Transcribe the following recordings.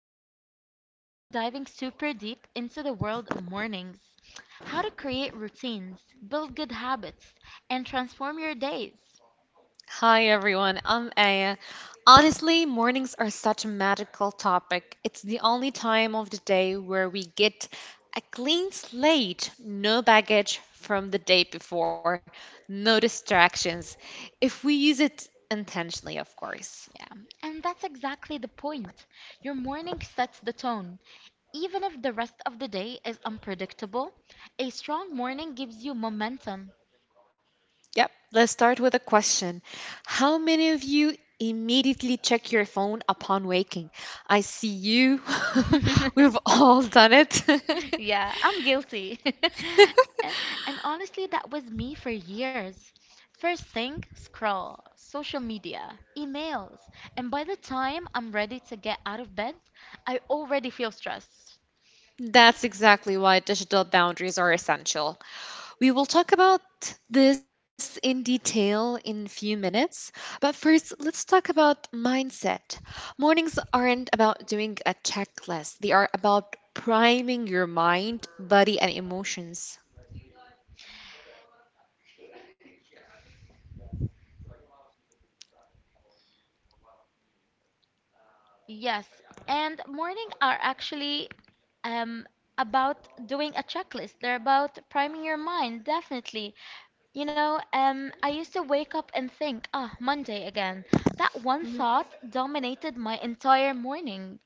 Mariam, and today we're diving super deep into the world of mornings, how to create routines, build good habits, and transform your days. Hi everyone, I'm Aya. Honestly, mornings are such a magical topic. It's the only time of the day where we get a clean slate, no baggage from the day before, no distractions, if we use it intentionally, of course. Yeah, and that's exactly the point. Your morning sets the tone. Even if the rest of the day is unpredictable, a strong morning gives you momentum. Yep, let's start with a question. How many of you immediately check your phone upon waking? I see you. We've all done it. Yeah, I'm guilty. And and honestly, that was me for years. First thing, scroll, social media, emails, and by the time I'm ready to get out of bed, I already feel stressed. That's exactly why digital boundaries are essential. We will talk about this in detail in a few minutes, but first, let's talk about mindset. Mornings aren't about doing a checklist, they are about priming your mind, body, and emotions. Yes, and morning are actually um, about doing a checklist. They're about priming your mind, definitely. I used to wake up and think, ah, Monday again. That one Mhm. thought dominated my entire morning.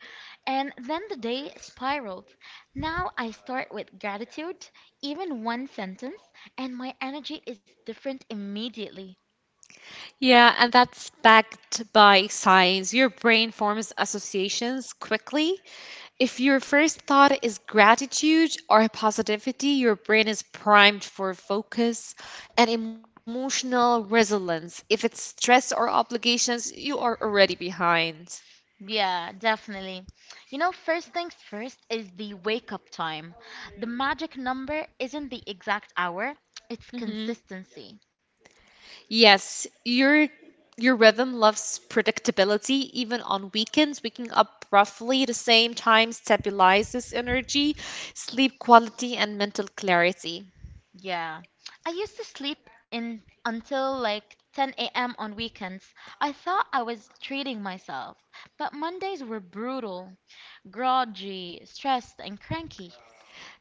And then the day spiraled. Now I start with gratitude, even one sentence, and my energy is different immediately. Yeah, and that's backed by science. Your brain forms associations quickly. If your first thought is gratitude or positivity, your brain is primed for focus and emotional resilience. If it's stress or obligations, you are already behind. Yeah, definitely. You know, first things first is the wake up time. The magic number isn't the exact hour, it's Mhm. consistency. Yes, your rhythm loves predictability. Even on weekends, waking up roughly the same time stabilizes energy, sleep quality, and mental clarity. Yeah. I used to sleep in until like 10 a.m. on weekends. I thought I was treating myself, but Mondays were brutal, groggy, stressed, and cranky.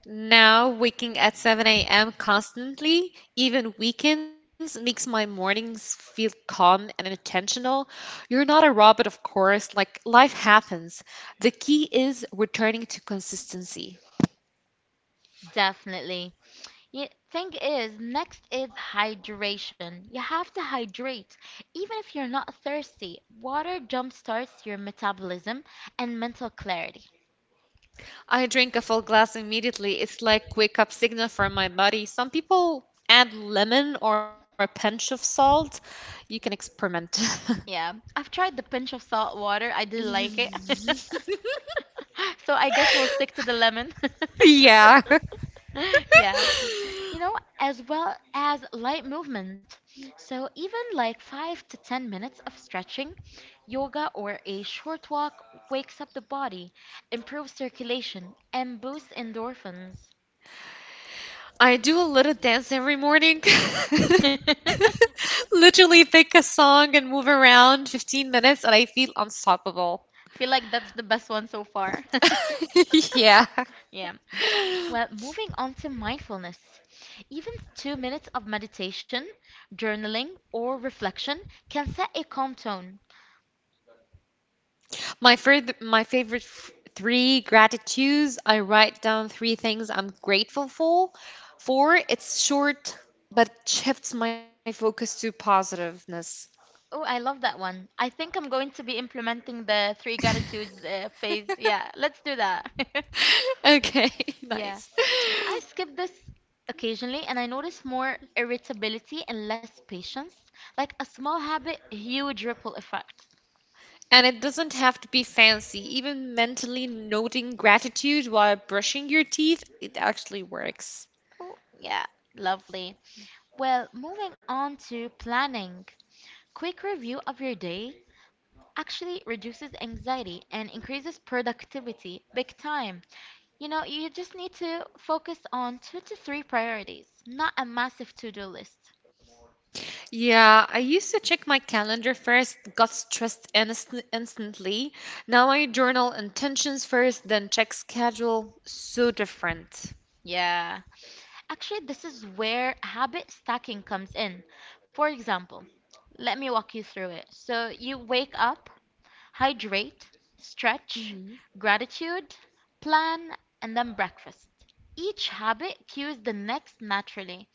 Now, waking at 7 a.m. constantly, even weekends, makes my mornings feel calm and intentional. You're not a robot, of course, like life happens. The key is returning to consistency. Definitely. Thing is, next is hydration. You have to hydrate. Even if you're not thirsty, water jumpstarts your metabolism and mental clarity. I drink a full glass immediately. It's like wake up signal for my body. Some people add lemon or a pinch of salt. You can experiment. Yeah, I've tried the pinch of salt water. I didn't like it. So I guess we'll stick to the lemon. Yeah. Yeah. You know, as well as light movement. So even like 5 to 10 minutes of stretching, yoga or a short walk wakes up the body, improves circulation, and boosts endorphins. I do a little dance every morning. I Literally pick a song and move around 15 minutes and I feel unstoppable. feel like that's the best one so far. Yeah. Yeah. Well, moving on to mindfulness. Even 2 minutes of meditation, journaling, or reflection can set a calm tone. My third, my favorite f- three gratitudes, I write down three things I'm grateful for. For it's short, but it shifts my focus to positiveness. Oh, I love that one. I think I'm going to be implementing the three gratitudes phase. Yeah, let's do that. Okay, Yeah. nice. I skip this occasionally and I notice more irritability and less patience. Like a small habit, huge ripple effect. And it doesn't have to be fancy. Even mentally noting gratitude while brushing your teeth, it actually works. Oh, yeah, lovely. Well, moving on to planning. Quick review of your day actually reduces anxiety and increases productivity big time. You know, you just need to focus on two to three priorities, not a massive to do list. Yeah, I used to check my calendar first, got stressed instantly. Now I journal intentions first, then check schedule. So different. Yeah. Actually, this is where habit stacking comes in. For example, let me walk you through it. So, you wake up, hydrate, stretch, gratitude, plan, and then breakfast. Each habit cues the next naturally.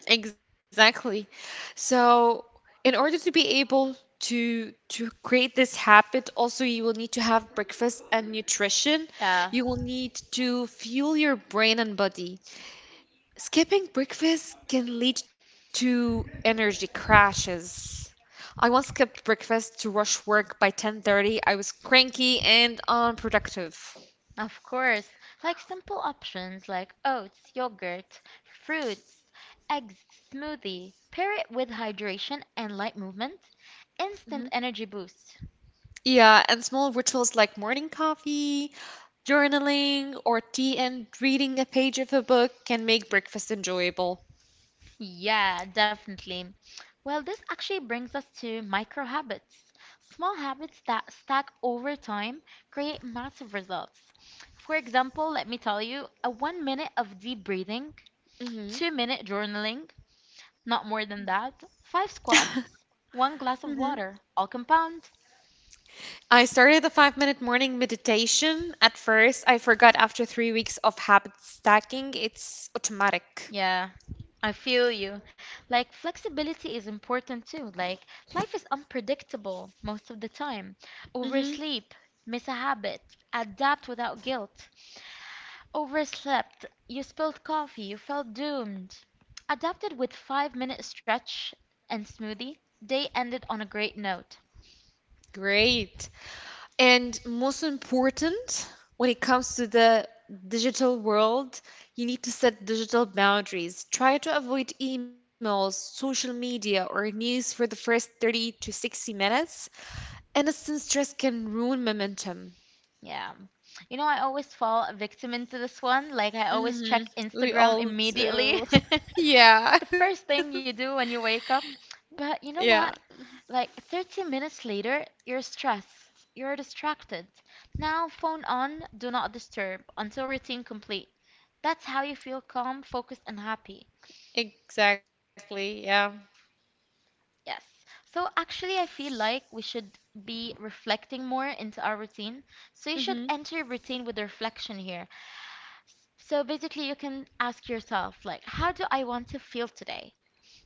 Exactly. So, in order to be able to create this habit, also you will need to have breakfast and nutrition. Yeah, You will need to fuel your brain and body. Skipping breakfast can lead to energy crashes. I once skipped breakfast to rush work by 10:30. I was cranky and unproductive. of course. Like simple options like oats, yogurt, fruits, eggs, smoothie. Pair it with hydration and light movement. Instant Mhm. energy boost. Yeah, and small rituals like morning coffee journaling or tea and reading a page of a book can make breakfast enjoyable. Yeah, definitely. Well, this actually brings us to micro habits. Small habits that stack over time create massive results. For example, let me tell you a 1 minute of deep breathing, hmm 2 minute journaling, not more than that, five squats, one glass of hmm water, all compound. I started the 5-minute morning meditation. At first, I forgot after 3 weeks of habit stacking, it's automatic. Yeah, I feel you. Like, flexibility is important too. Like, life is unpredictable most of the time. hmm Oversleep, miss a habit, adapt without guilt. Overslept, you spilled coffee, you felt doomed. Adapted with 5 minute stretch and smoothie, day ended on a great note. Great. And most important, when it comes to the digital world, you need to set digital boundaries. Try to avoid emails, social media, or news for the first 30 to 60 minutes. Innocent stress can ruin momentum. Yeah. You know, I always fall a victim into this one. Like, I always hmm check We Instagram all immediately. do. Yeah. The first thing you do when you wake up. But you know Yeah. what? Like, 30 minutes later, you're stressed. You're distracted. Now, phone on, do not disturb until routine complete. That's how you feel calm, focused, and happy. Exactly. Yeah. Yes. So, actually, I feel like we should be reflecting more into our routine. So, you should hmm enter your routine with reflection here. So basically, you can ask yourself, like, how do I want to feel today?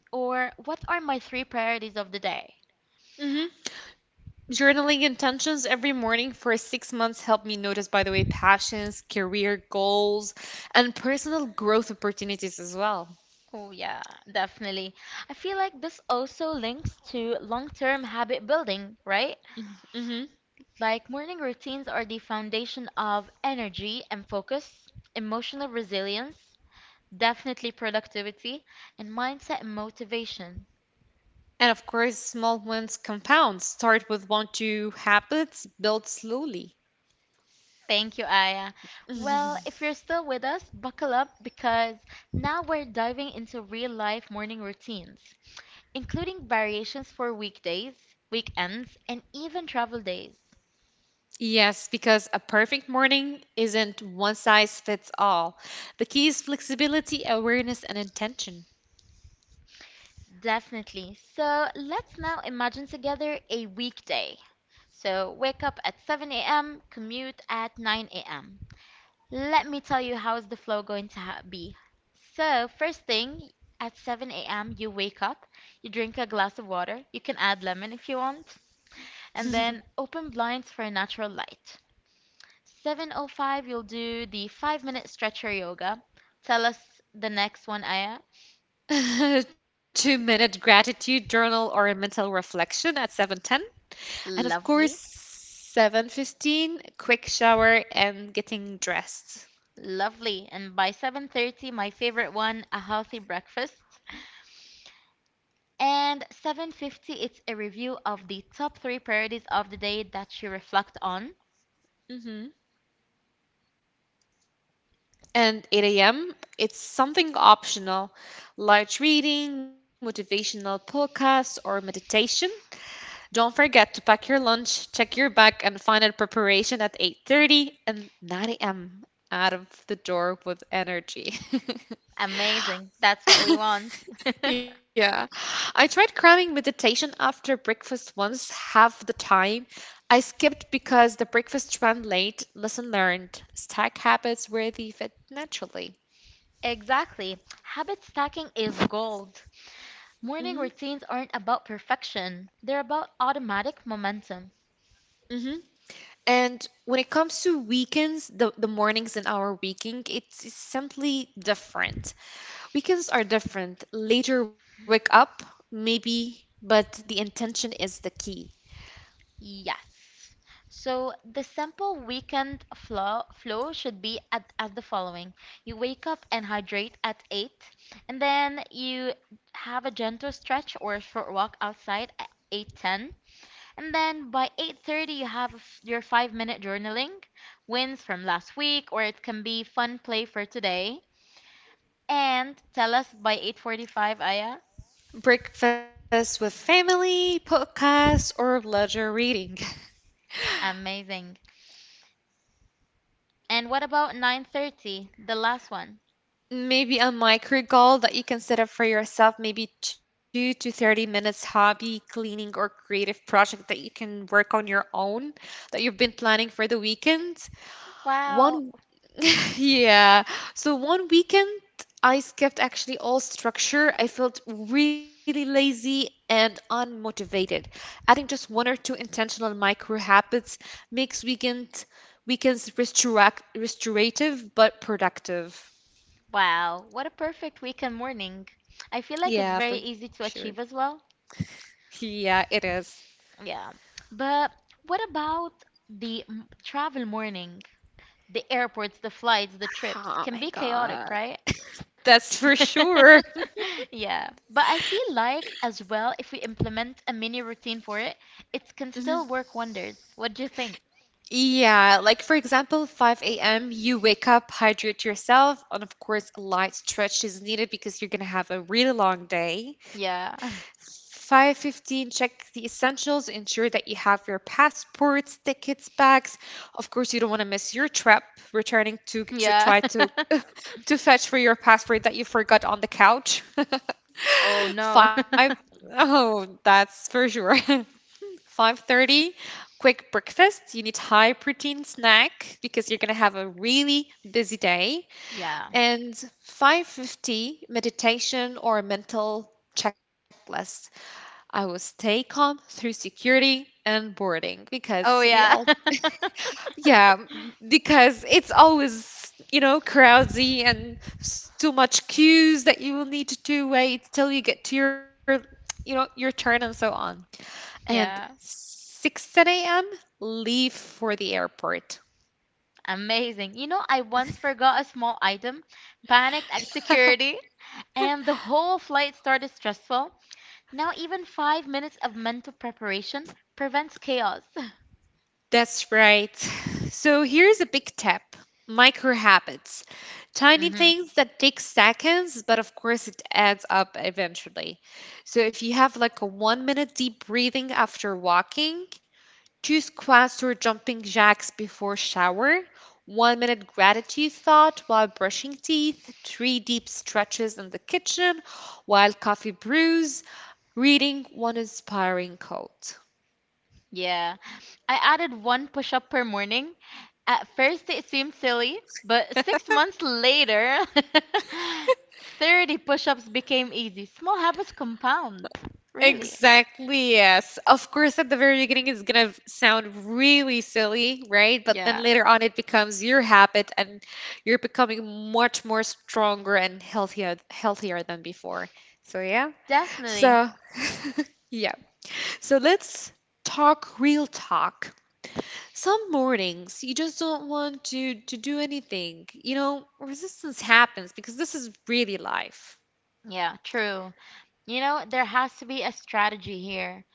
Or what are my three priorities of the day? hmm Journaling intentions every morning for 6 months helped me notice, by the way, passions, career goals, and personal growth opportunities as well. Oh, yeah, definitely. I feel like this also links to long term habit building, right? Mm-hmm. Like, morning routines are the foundation of energy and focus, emotional resilience, definitely productivity, and mindset and motivation. And of course, small wins compound. Start with one, two habits, build slowly. Thank you, Aya. Well, if you're still with us, buckle up because now we're diving into real life morning routines, including variations for weekdays, weekends, and even travel days. Yes, because a perfect morning isn't one size fits all. The key is flexibility, awareness, and intention. Definitely. So let's now imagine together a weekday. So wake up at 7 a.m., commute at 9 a.m. Let me tell you how's the flow going to be. So, first thing at 7 a.m., you wake up, you drink a glass of water, you can add lemon if you want, and then open blinds for natural light. 7:05, you'll do the 5-minute stretcher yoga. Tell us the next one, Aya. 2-minute gratitude journal or a mental reflection at 7:10. And of Lovely. course, 7:15, quick shower and getting dressed. Lovely. And by 7:30 my favorite one, a healthy breakfast. And 7:50 it's a review of the top 3 priorities of the day that you reflect on. hmm And 8 a.m., it's something optional, light reading, motivational podcast, or meditation. Don't forget to pack your lunch, check your bag, and final preparation at 8:30 and 9 a.m. out of the door with energy. Amazing. That's what we want. Yeah. I tried cramming meditation after breakfast once, half the time. I skipped because the breakfast ran late, lesson learned. Stack habits where they fit naturally. Exactly. Habit stacking is gold. hmm Morning routines aren't about perfection, they're about automatic momentum. hmm And when it comes to weekends, the mornings in our weekend, it's simply different. Weekends are different. Later wake up, maybe, but the intention is the key. Yes. So the simple weekend flow should be at, as the following. You wake up and hydrate at 8, and then you have a gentle stretch or short walk outside at 8:10. And then by 8:30 you have your 5-minute journaling, wins from last week or it can be fun play for today. And tell us by 8:45, Aya. Breakfast with family, podcast, or leisure reading. Amazing. And what about 9:30, the last one? Maybe a micro goal that you can set up for yourself, maybe 2 to 30 minutes hobby, cleaning, or creative project that you can work on your own that you've been planning for the weekend. Wow. One, yeah. So one weekend, I skipped actually all structure. I felt really lazy and unmotivated. Adding just one or two intentional micro habits makes weekends restorative but productive. Wow. What a perfect weekend morning. I feel like it's Yeah, very for easy sure. to achieve as well. Yeah, it is. Yeah. But what about the travel morning? The airports, the flights, the trips Oh can my be chaotic, God. right? That's for sure. Yeah, but I feel like as well, if we implement a mini routine for it, it can still work wonders. What do you think? Yeah, like for example, 5 a.m., you wake up, hydrate yourself, and of course, a light stretch is needed because you're gonna have a really long day. Yeah. 5:15, check the essentials, ensure that you have your passports, tickets, bags. Of course, you don't want to miss your trip, returning to Yeah. try to to fetch for your passport that you forgot on the couch. Oh no. Five, oh, that's for sure. 5:30, quick breakfast. You need high protein snack because you're going to have a really busy day. Yeah. And 5:50, meditation or mental checklist. I will stay calm through security and boarding because Oh we yeah. all, yeah, because it's always, crowdzy and too much queues that you will need to wait till you get to your turn and so on and Yeah. 6:10 a.m. leave for the airport. Amazing. You know, I once forgot a small item, panicked at security, and the whole flight started stressful. Now even 5 minutes of mental preparation prevents chaos. That's right. So here's a big tip: micro habits. Tiny Hmm. things that take seconds, but of course it adds up eventually. So if you have like a 1-minute deep breathing after walking, two squats or jumping jacks before shower, 1-minute gratitude thought while brushing teeth, three deep stretches in the kitchen while coffee brews, reading one inspiring quote. Yeah. I added one push up per morning. At first, it seemed silly, but six months later, 30 push ups became easy. Small habits compound. Really. Exactly, yes. Of course, at the very beginning, it's gonna sound really silly, right? But then Yeah, later on, it becomes your habit and you're becoming much more stronger and healthier than before. So yeah. definitely. So yeah. So let's talk real talk. Some mornings you just don't want to do anything. You know, resistance happens because this is really life. Yeah, true. You know, there has to be a strategy here.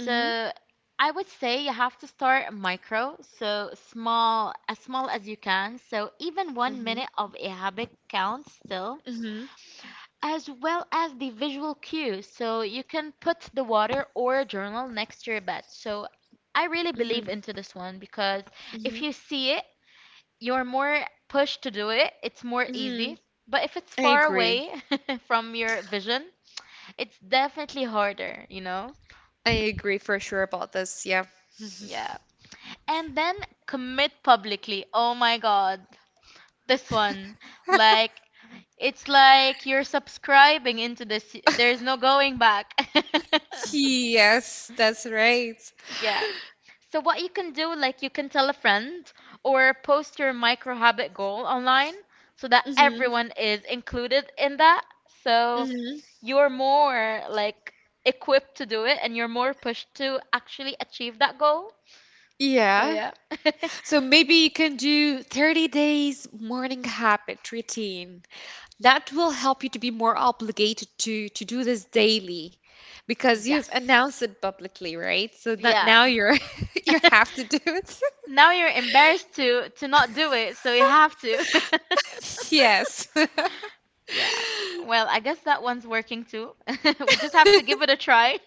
Mm-hmm. I would say you have to start micro, so small as you can. So, even one Mhm. minute of a habit counts still, Mhm. as well as the visual cues. So you can put the water or a journal next to your bed. So I really believe Mhm. into this one because if Mhm. you see it, you're more pushed to do it. It's more Mhm. easy. But if it's I far agree. away from your vision, it's definitely harder, you know? I agree for sure about this. Yeah. Yeah. And then commit publicly. Oh my God. This one. Like, it's like you're subscribing into this. There's no going back. Yes, that's right. Yeah. So what you can do, like you can tell a friend or post your micro habit goal online so that Mhm. everyone is included in that. So Mhm. you're more like equipped to do it and you're more pushed to actually achieve that goal. So Yeah. yeah. So maybe you can do 30 days morning habit routine. That will help you to be more obligated to do this daily because you've Yes. announced it publicly, right? So that now Yeah. you're you have to do it. Now you're embarrassed to not do it, so you have to. Yes. Yeah. Well, I guess that one's working too. We just have to give it a try.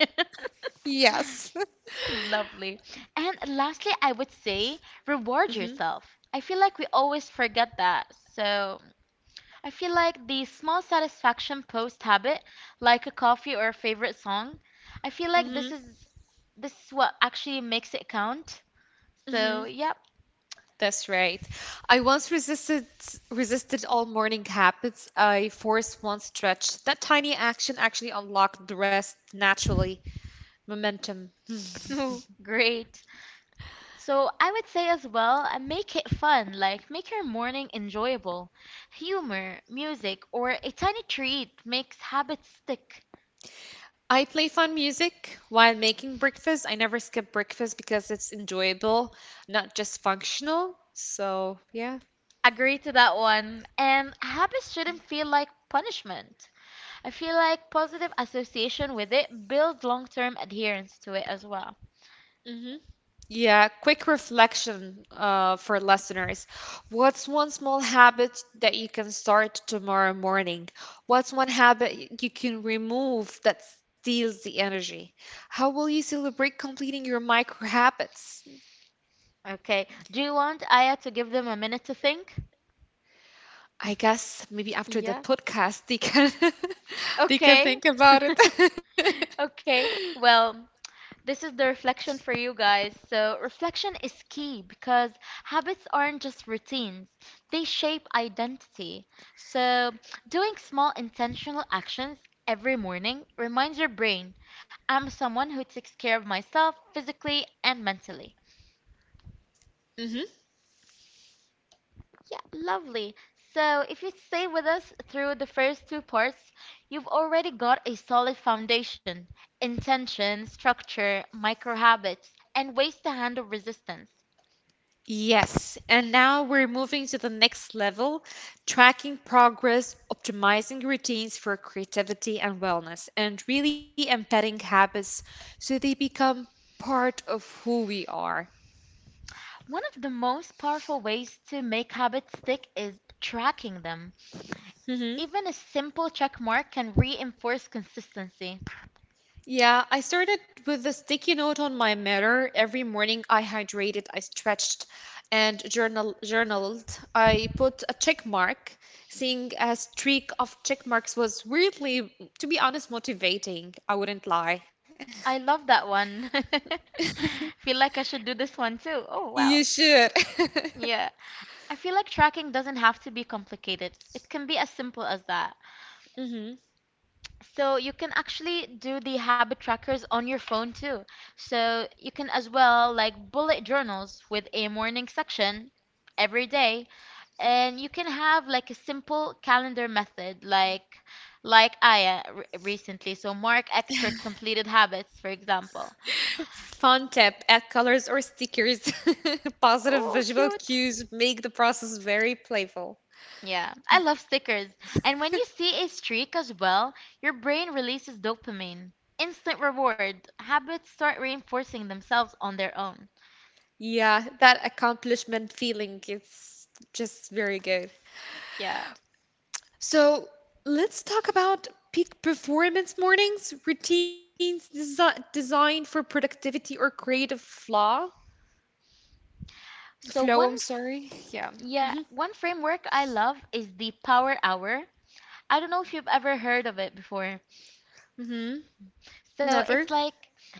Yes. Lovely. And lastly, I would say reward Mhm. yourself. I feel like we always forget that. So I feel like the small satisfaction post habit, like a coffee or a favorite song, I feel like Mhm. This is what actually makes it count. So, Mhm. yep. That's right. I once resisted all morning habits. I forced one stretch. That tiny action actually unlocked the rest naturally. Momentum. Great. So I would say as well, make it fun, like make your morning enjoyable. Humor, music, or a tiny treat makes habits stick. I play fun music while making breakfast. I never skip breakfast because it's enjoyable, not just functional. So, yeah. Agree to that one. And habits shouldn't feel like punishment. I feel like positive association with it builds long-term adherence to it as well. hmm Yeah, quick reflection for listeners. What's one small habit that you can start tomorrow morning? What's one habit you can remove that steals the energy? How will you celebrate completing your micro habits? Okay, do you want Aya to give them a minute to think? I guess maybe after the Yeah. podcast they can they can Okay. think about it. Okay, well, this is the reflection for you guys. So, reflection is key because habits aren't just routines, they shape identity. So, doing small intentional actions every morning reminds your brain I'm someone who takes care of myself physically and mentally. hmm Yeah, lovely. So, if you stay with us through the first two parts, you've already got a solid foundation, intention, structure, micro habits, and ways to handle resistance. Yes, and now we're moving to the next level, tracking progress, optimizing routines for creativity and wellness, and really embedding habits so they become part of who we are. One of the most powerful ways to make habits stick is tracking them. Mm-hmm. Even a simple check mark can reinforce consistency. Yeah, I started with a sticky note on my mirror. Every morning I hydrated, I stretched, and journaled. I put a check mark. Seeing a streak of check marks was weirdly, to be honest, motivating. I wouldn't lie. I love that one. Feel like I should do this one too. Oh, You wow. should. Yeah. I feel like tracking doesn't have to be complicated. It can be as simple as that. hmm So you can actually do the habit trackers on your phone too. So you can as well like bullet journals with a morning section every day and you can have like a simple calendar method like Aya recently. So mark X for completed habits, for example. Fun tip, add So, colors or stickers. Positive oh, visual cute. cues make the process very playful. Yeah, I love stickers. And when you see a streak as well, your brain releases dopamine. Instant reward. Habits start reinforcing themselves on their own. Yeah, that accomplishment feeling is just very good. Yeah. So let's talk about peak performance mornings, routines designed for productivity or creative flaw. So Flow, one I'm f- sorry. Yeah. yeah, hmm one framework I love is the power hour. I don't know if you've ever heard of it before. hmm Never. So it's like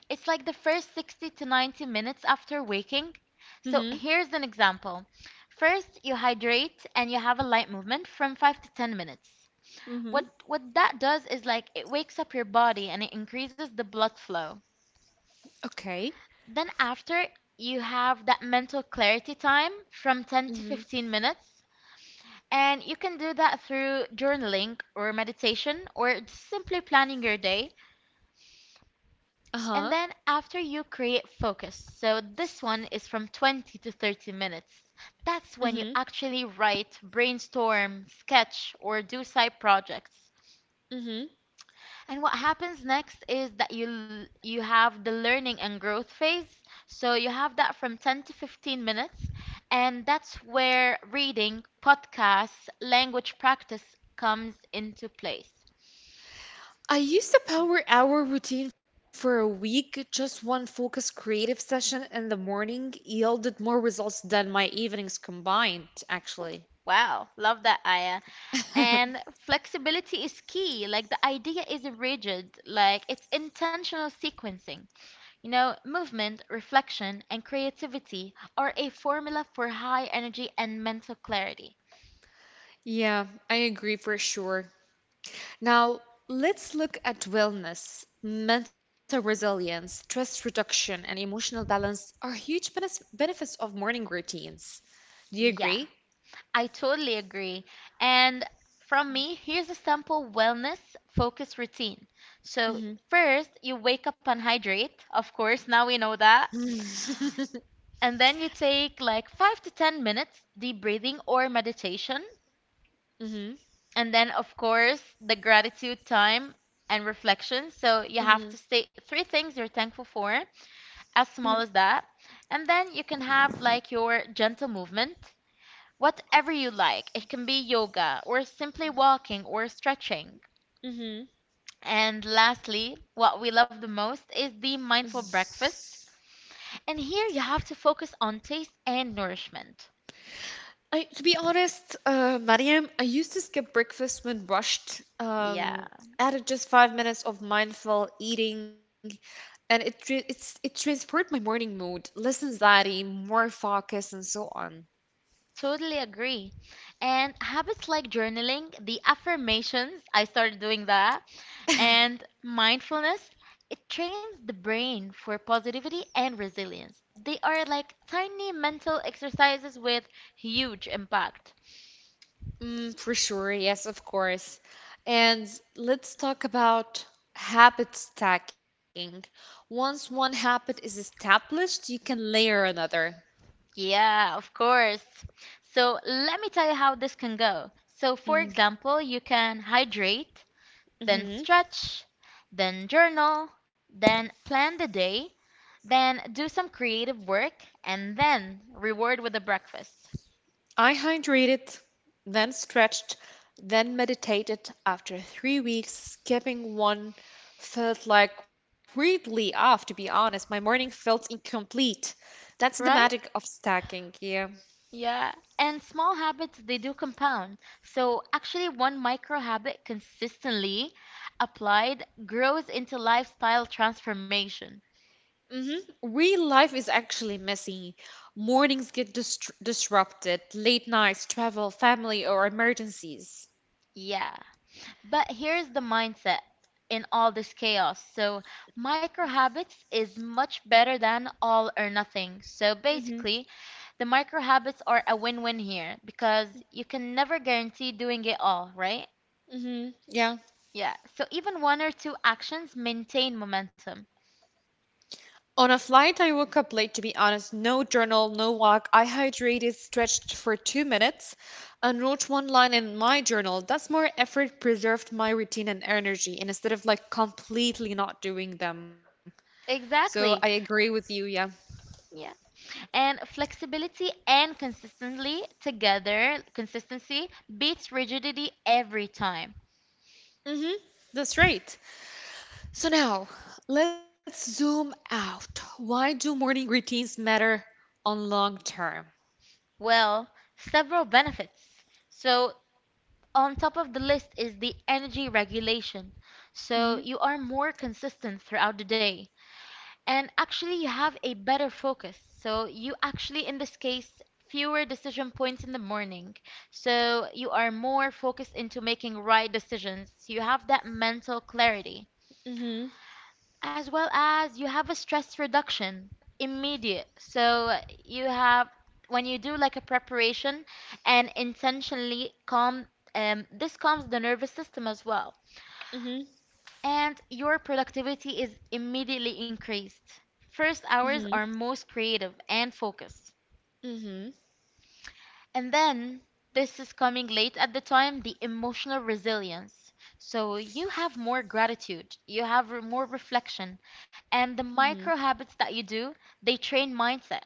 it's like the first 60 to 90 minutes after waking. So hmm here's an example. First, you hydrate and you have a light movement from 5 to 10 minutes. hmm What that does is like it wakes up your body and it increases the blood flow. Okay. Then after, you have that mental clarity time from 10 to hmm 15 minutes. And you can do that through journaling or meditation or just simply planning your day. Uh-huh. And then after you create focus. So this one is from 20 to 30 minutes. That's when you hmm actually write, brainstorm, sketch, or do side projects. hmm And what happens next is that you have the learning and growth phase. So you have that from 10 to 15 minutes, and that's where reading, podcasts, language practice comes into place. I used a power hour routine for a week. Just one focused creative session in the morning yielded more results than my evenings combined, actually. Wow, love that, Aya. And flexibility is key. Like the idea isn't rigid, like it's intentional sequencing. You know, movement, reflection, and creativity are a formula for high energy and mental clarity. Yeah, I agree for sure. Now, let's look at wellness. Mental resilience, stress reduction, and emotional balance are huge benefits of morning routines. Do you Yeah, agree? I totally agree. And from me, here's a simple wellness focused routine. So, Mm-hmm. first, you wake up and hydrate. Of course, now we know that. And then you take like 5 to 10 minutes deep breathing or meditation. Mm-hmm. And then, of course, the gratitude time and reflection. So you have Mm-hmm. to state three things you're thankful for, as Mm-hmm. small as that. And then you can have like your gentle movement, whatever you like. It can be yoga or simply walking or stretching. Mm-hmm. And lastly, what we love the most is the mindful breakfast. And here you have to focus on taste and nourishment. I, to be honest, Mariam, I used to skip breakfast when rushed. Yeah. Added just 5 minutes of mindful eating, and it transferred my morning mood, less anxiety, more focus, and so on. Totally agree. And habits like journaling, the affirmations, I started doing that, and mindfulness, it trains the brain for positivity and resilience. They are like tiny mental exercises with huge impact. Mm, for sure, yes, of course. And let's talk about habit stacking. Once one habit is established, you can layer another. Yeah, of course. So let me tell you how this can go. So, for example, you can hydrate, then Mm-hmm. stretch, then journal, then plan the day, then do some creative work, and then reward with a breakfast. I hydrated, then stretched, then meditated. After 3 weeks, skipping one felt like weirdly off, to be honest. My morning felt incomplete. That's the Right? magic of stacking, yeah. Yeah. And small habits, they do compound. So, actually, one micro habit consistently applied grows into lifestyle transformation. Real life is actually messy. Mornings get disrupted, late nights, travel, family, or emergencies. Yeah. But here's the mindset in all this chaos. So, micro habits is much better than all or nothing. So, hmm basically, the micro habits are a win win here because you can never guarantee doing it all, right? Yeah. Yeah. So, even one or two actions maintain momentum. On a flight, I woke up late to be honest. No journal, no walk. I hydrated, stretched for 2 minutes, and wrote one line in my journal. That's more effort, preserved my routine and energy, and instead of like completely not doing them. So I Exactly. agree with you, yeah. Yeah. And flexibility and consistently together, consistency beats rigidity every time. Mm-hmm. That's right. So now, let's zoom out. Why do morning routines matter on long term? Well, several benefits. So on top of the list is the energy regulation. So Mm-hmm. you are more consistent throughout the day and actually you have a better focus. So you actually, in this case, fewer decision points in the morning. So you are more focused into making right decisions. You have that mental clarity Mm-hmm. as well as you have a stress reduction immediate. So you have when you do like a preparation and intentionally calm, this calms the nervous system as well Mm-hmm. and your productivity is immediately increased. First Mm-hmm. hours are most creative and focused. Mm-hmm. And then this is coming late at the time the emotional resilience. So you have more gratitude, you have more reflection, and the Mm-hmm. micro habits that you do, they train mindset.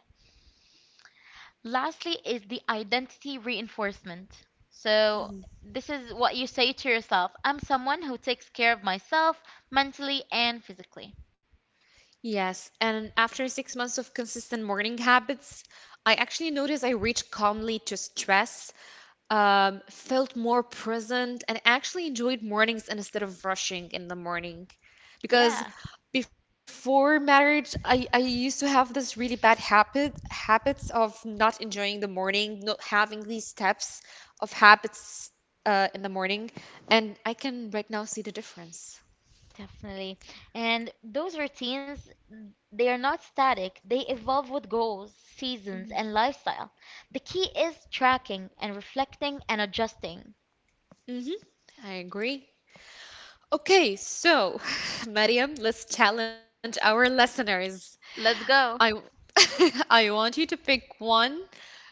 Lastly is the identity reinforcement. So hmm this is what you say to yourself, I'm someone who takes care of myself mentally and physically. Yes, and after 6 months of consistent morning habits, I actually noticed I reached calmly to stress, felt more present, and actually enjoyed mornings instead of rushing in the morning. Because Yeah. before marriage I used to have this really bad habits of not enjoying the morning, not having these steps of habits in the morning, and I can right now see the difference. Definitely. And those routines, they are not static. They evolve with goals, seasons, and lifestyle. The key is tracking and reflecting and adjusting. Mm-hmm. I agree. Okay, so Mariam, let's challenge our listeners. Let's I I go. want you to pick one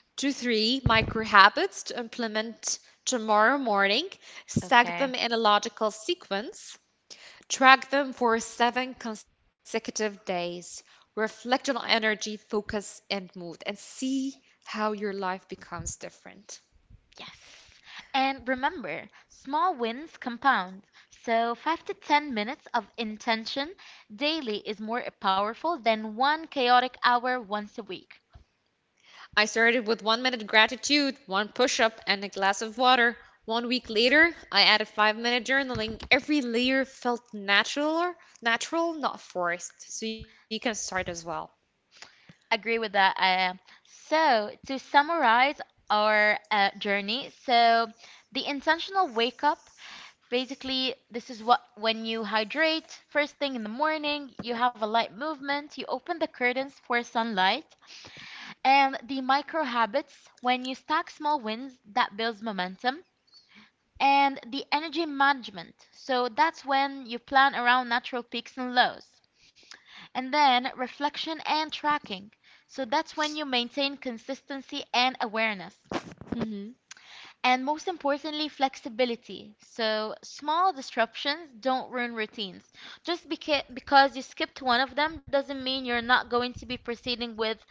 to three micro habits to implement tomorrow morning, stack Okay. them in a logical sequence, track them for 7 consecutive days, reflect on energy, focus, and mood, and see how your life becomes different. Yes. And remember, small wins compound. So 5 to 10 minutes of intention daily is more powerful than one chaotic hour once a week. I started with 1-minute gratitude, one push up, and a glass of water. One week later, I added 5-minute journaling. Every layer felt natural, not forced. So you can start as well. Agree with that. So, to summarize our journey, so the intentional wake up, basically, this is what when you hydrate first thing in the morning, you have a light movement, you open the curtains for sunlight, and the micro habits when you stack small wins that builds momentum. And the energy management. So that's when you plan around natural peaks and lows and then reflection and tracking. So that's when you maintain consistency and awareness. Mhm. And most importantly, flexibility. So small disruptions don't ruin routines. Because you skipped one of them doesn't mean you're not going to be proceeding with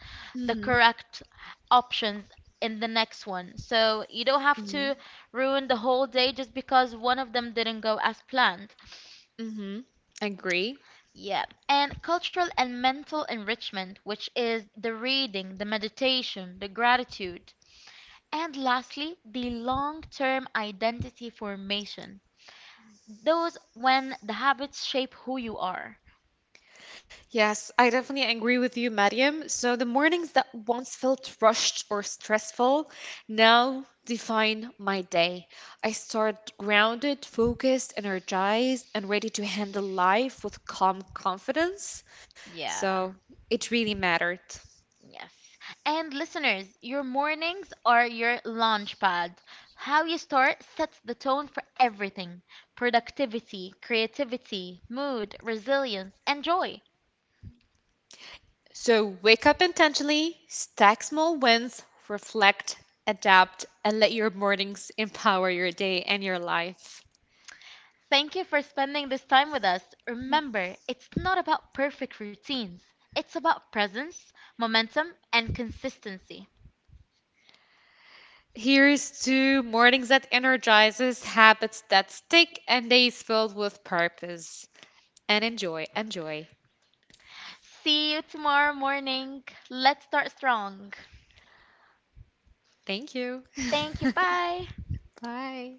the hmm correct options in the next one. So you don't have hmm to ruin the whole day just because one of them didn't go as planned. hmm Agree. Yeah, and cultural and mental enrichment, which is the reading, the meditation, the gratitude. And lastly, the long term identity formation. Those when the habits shape who you are. Yes, I definitely agree with you, Mariam. So the mornings that once felt rushed or stressful now define my day. I start grounded, focused, energized, and ready to handle life with calm confidence. Yeah, So it really mattered. yes. And listeners, your mornings are your launch pad. How you start sets the tone for everything: productivity, creativity, mood, resilience, and joy. So wake up intentionally, stack small wins, reflect, adapt, and let your mornings empower your day and your life. Thank you for spending this time with us. Remember, it's not about perfect routines, it's about presence, momentum, and consistency. Here's to mornings that energizes, habits that stick, and days filled with purpose. And enjoy, enjoy. See you tomorrow morning. Let's start strong. Thank you. Thank you. Bye. Bye.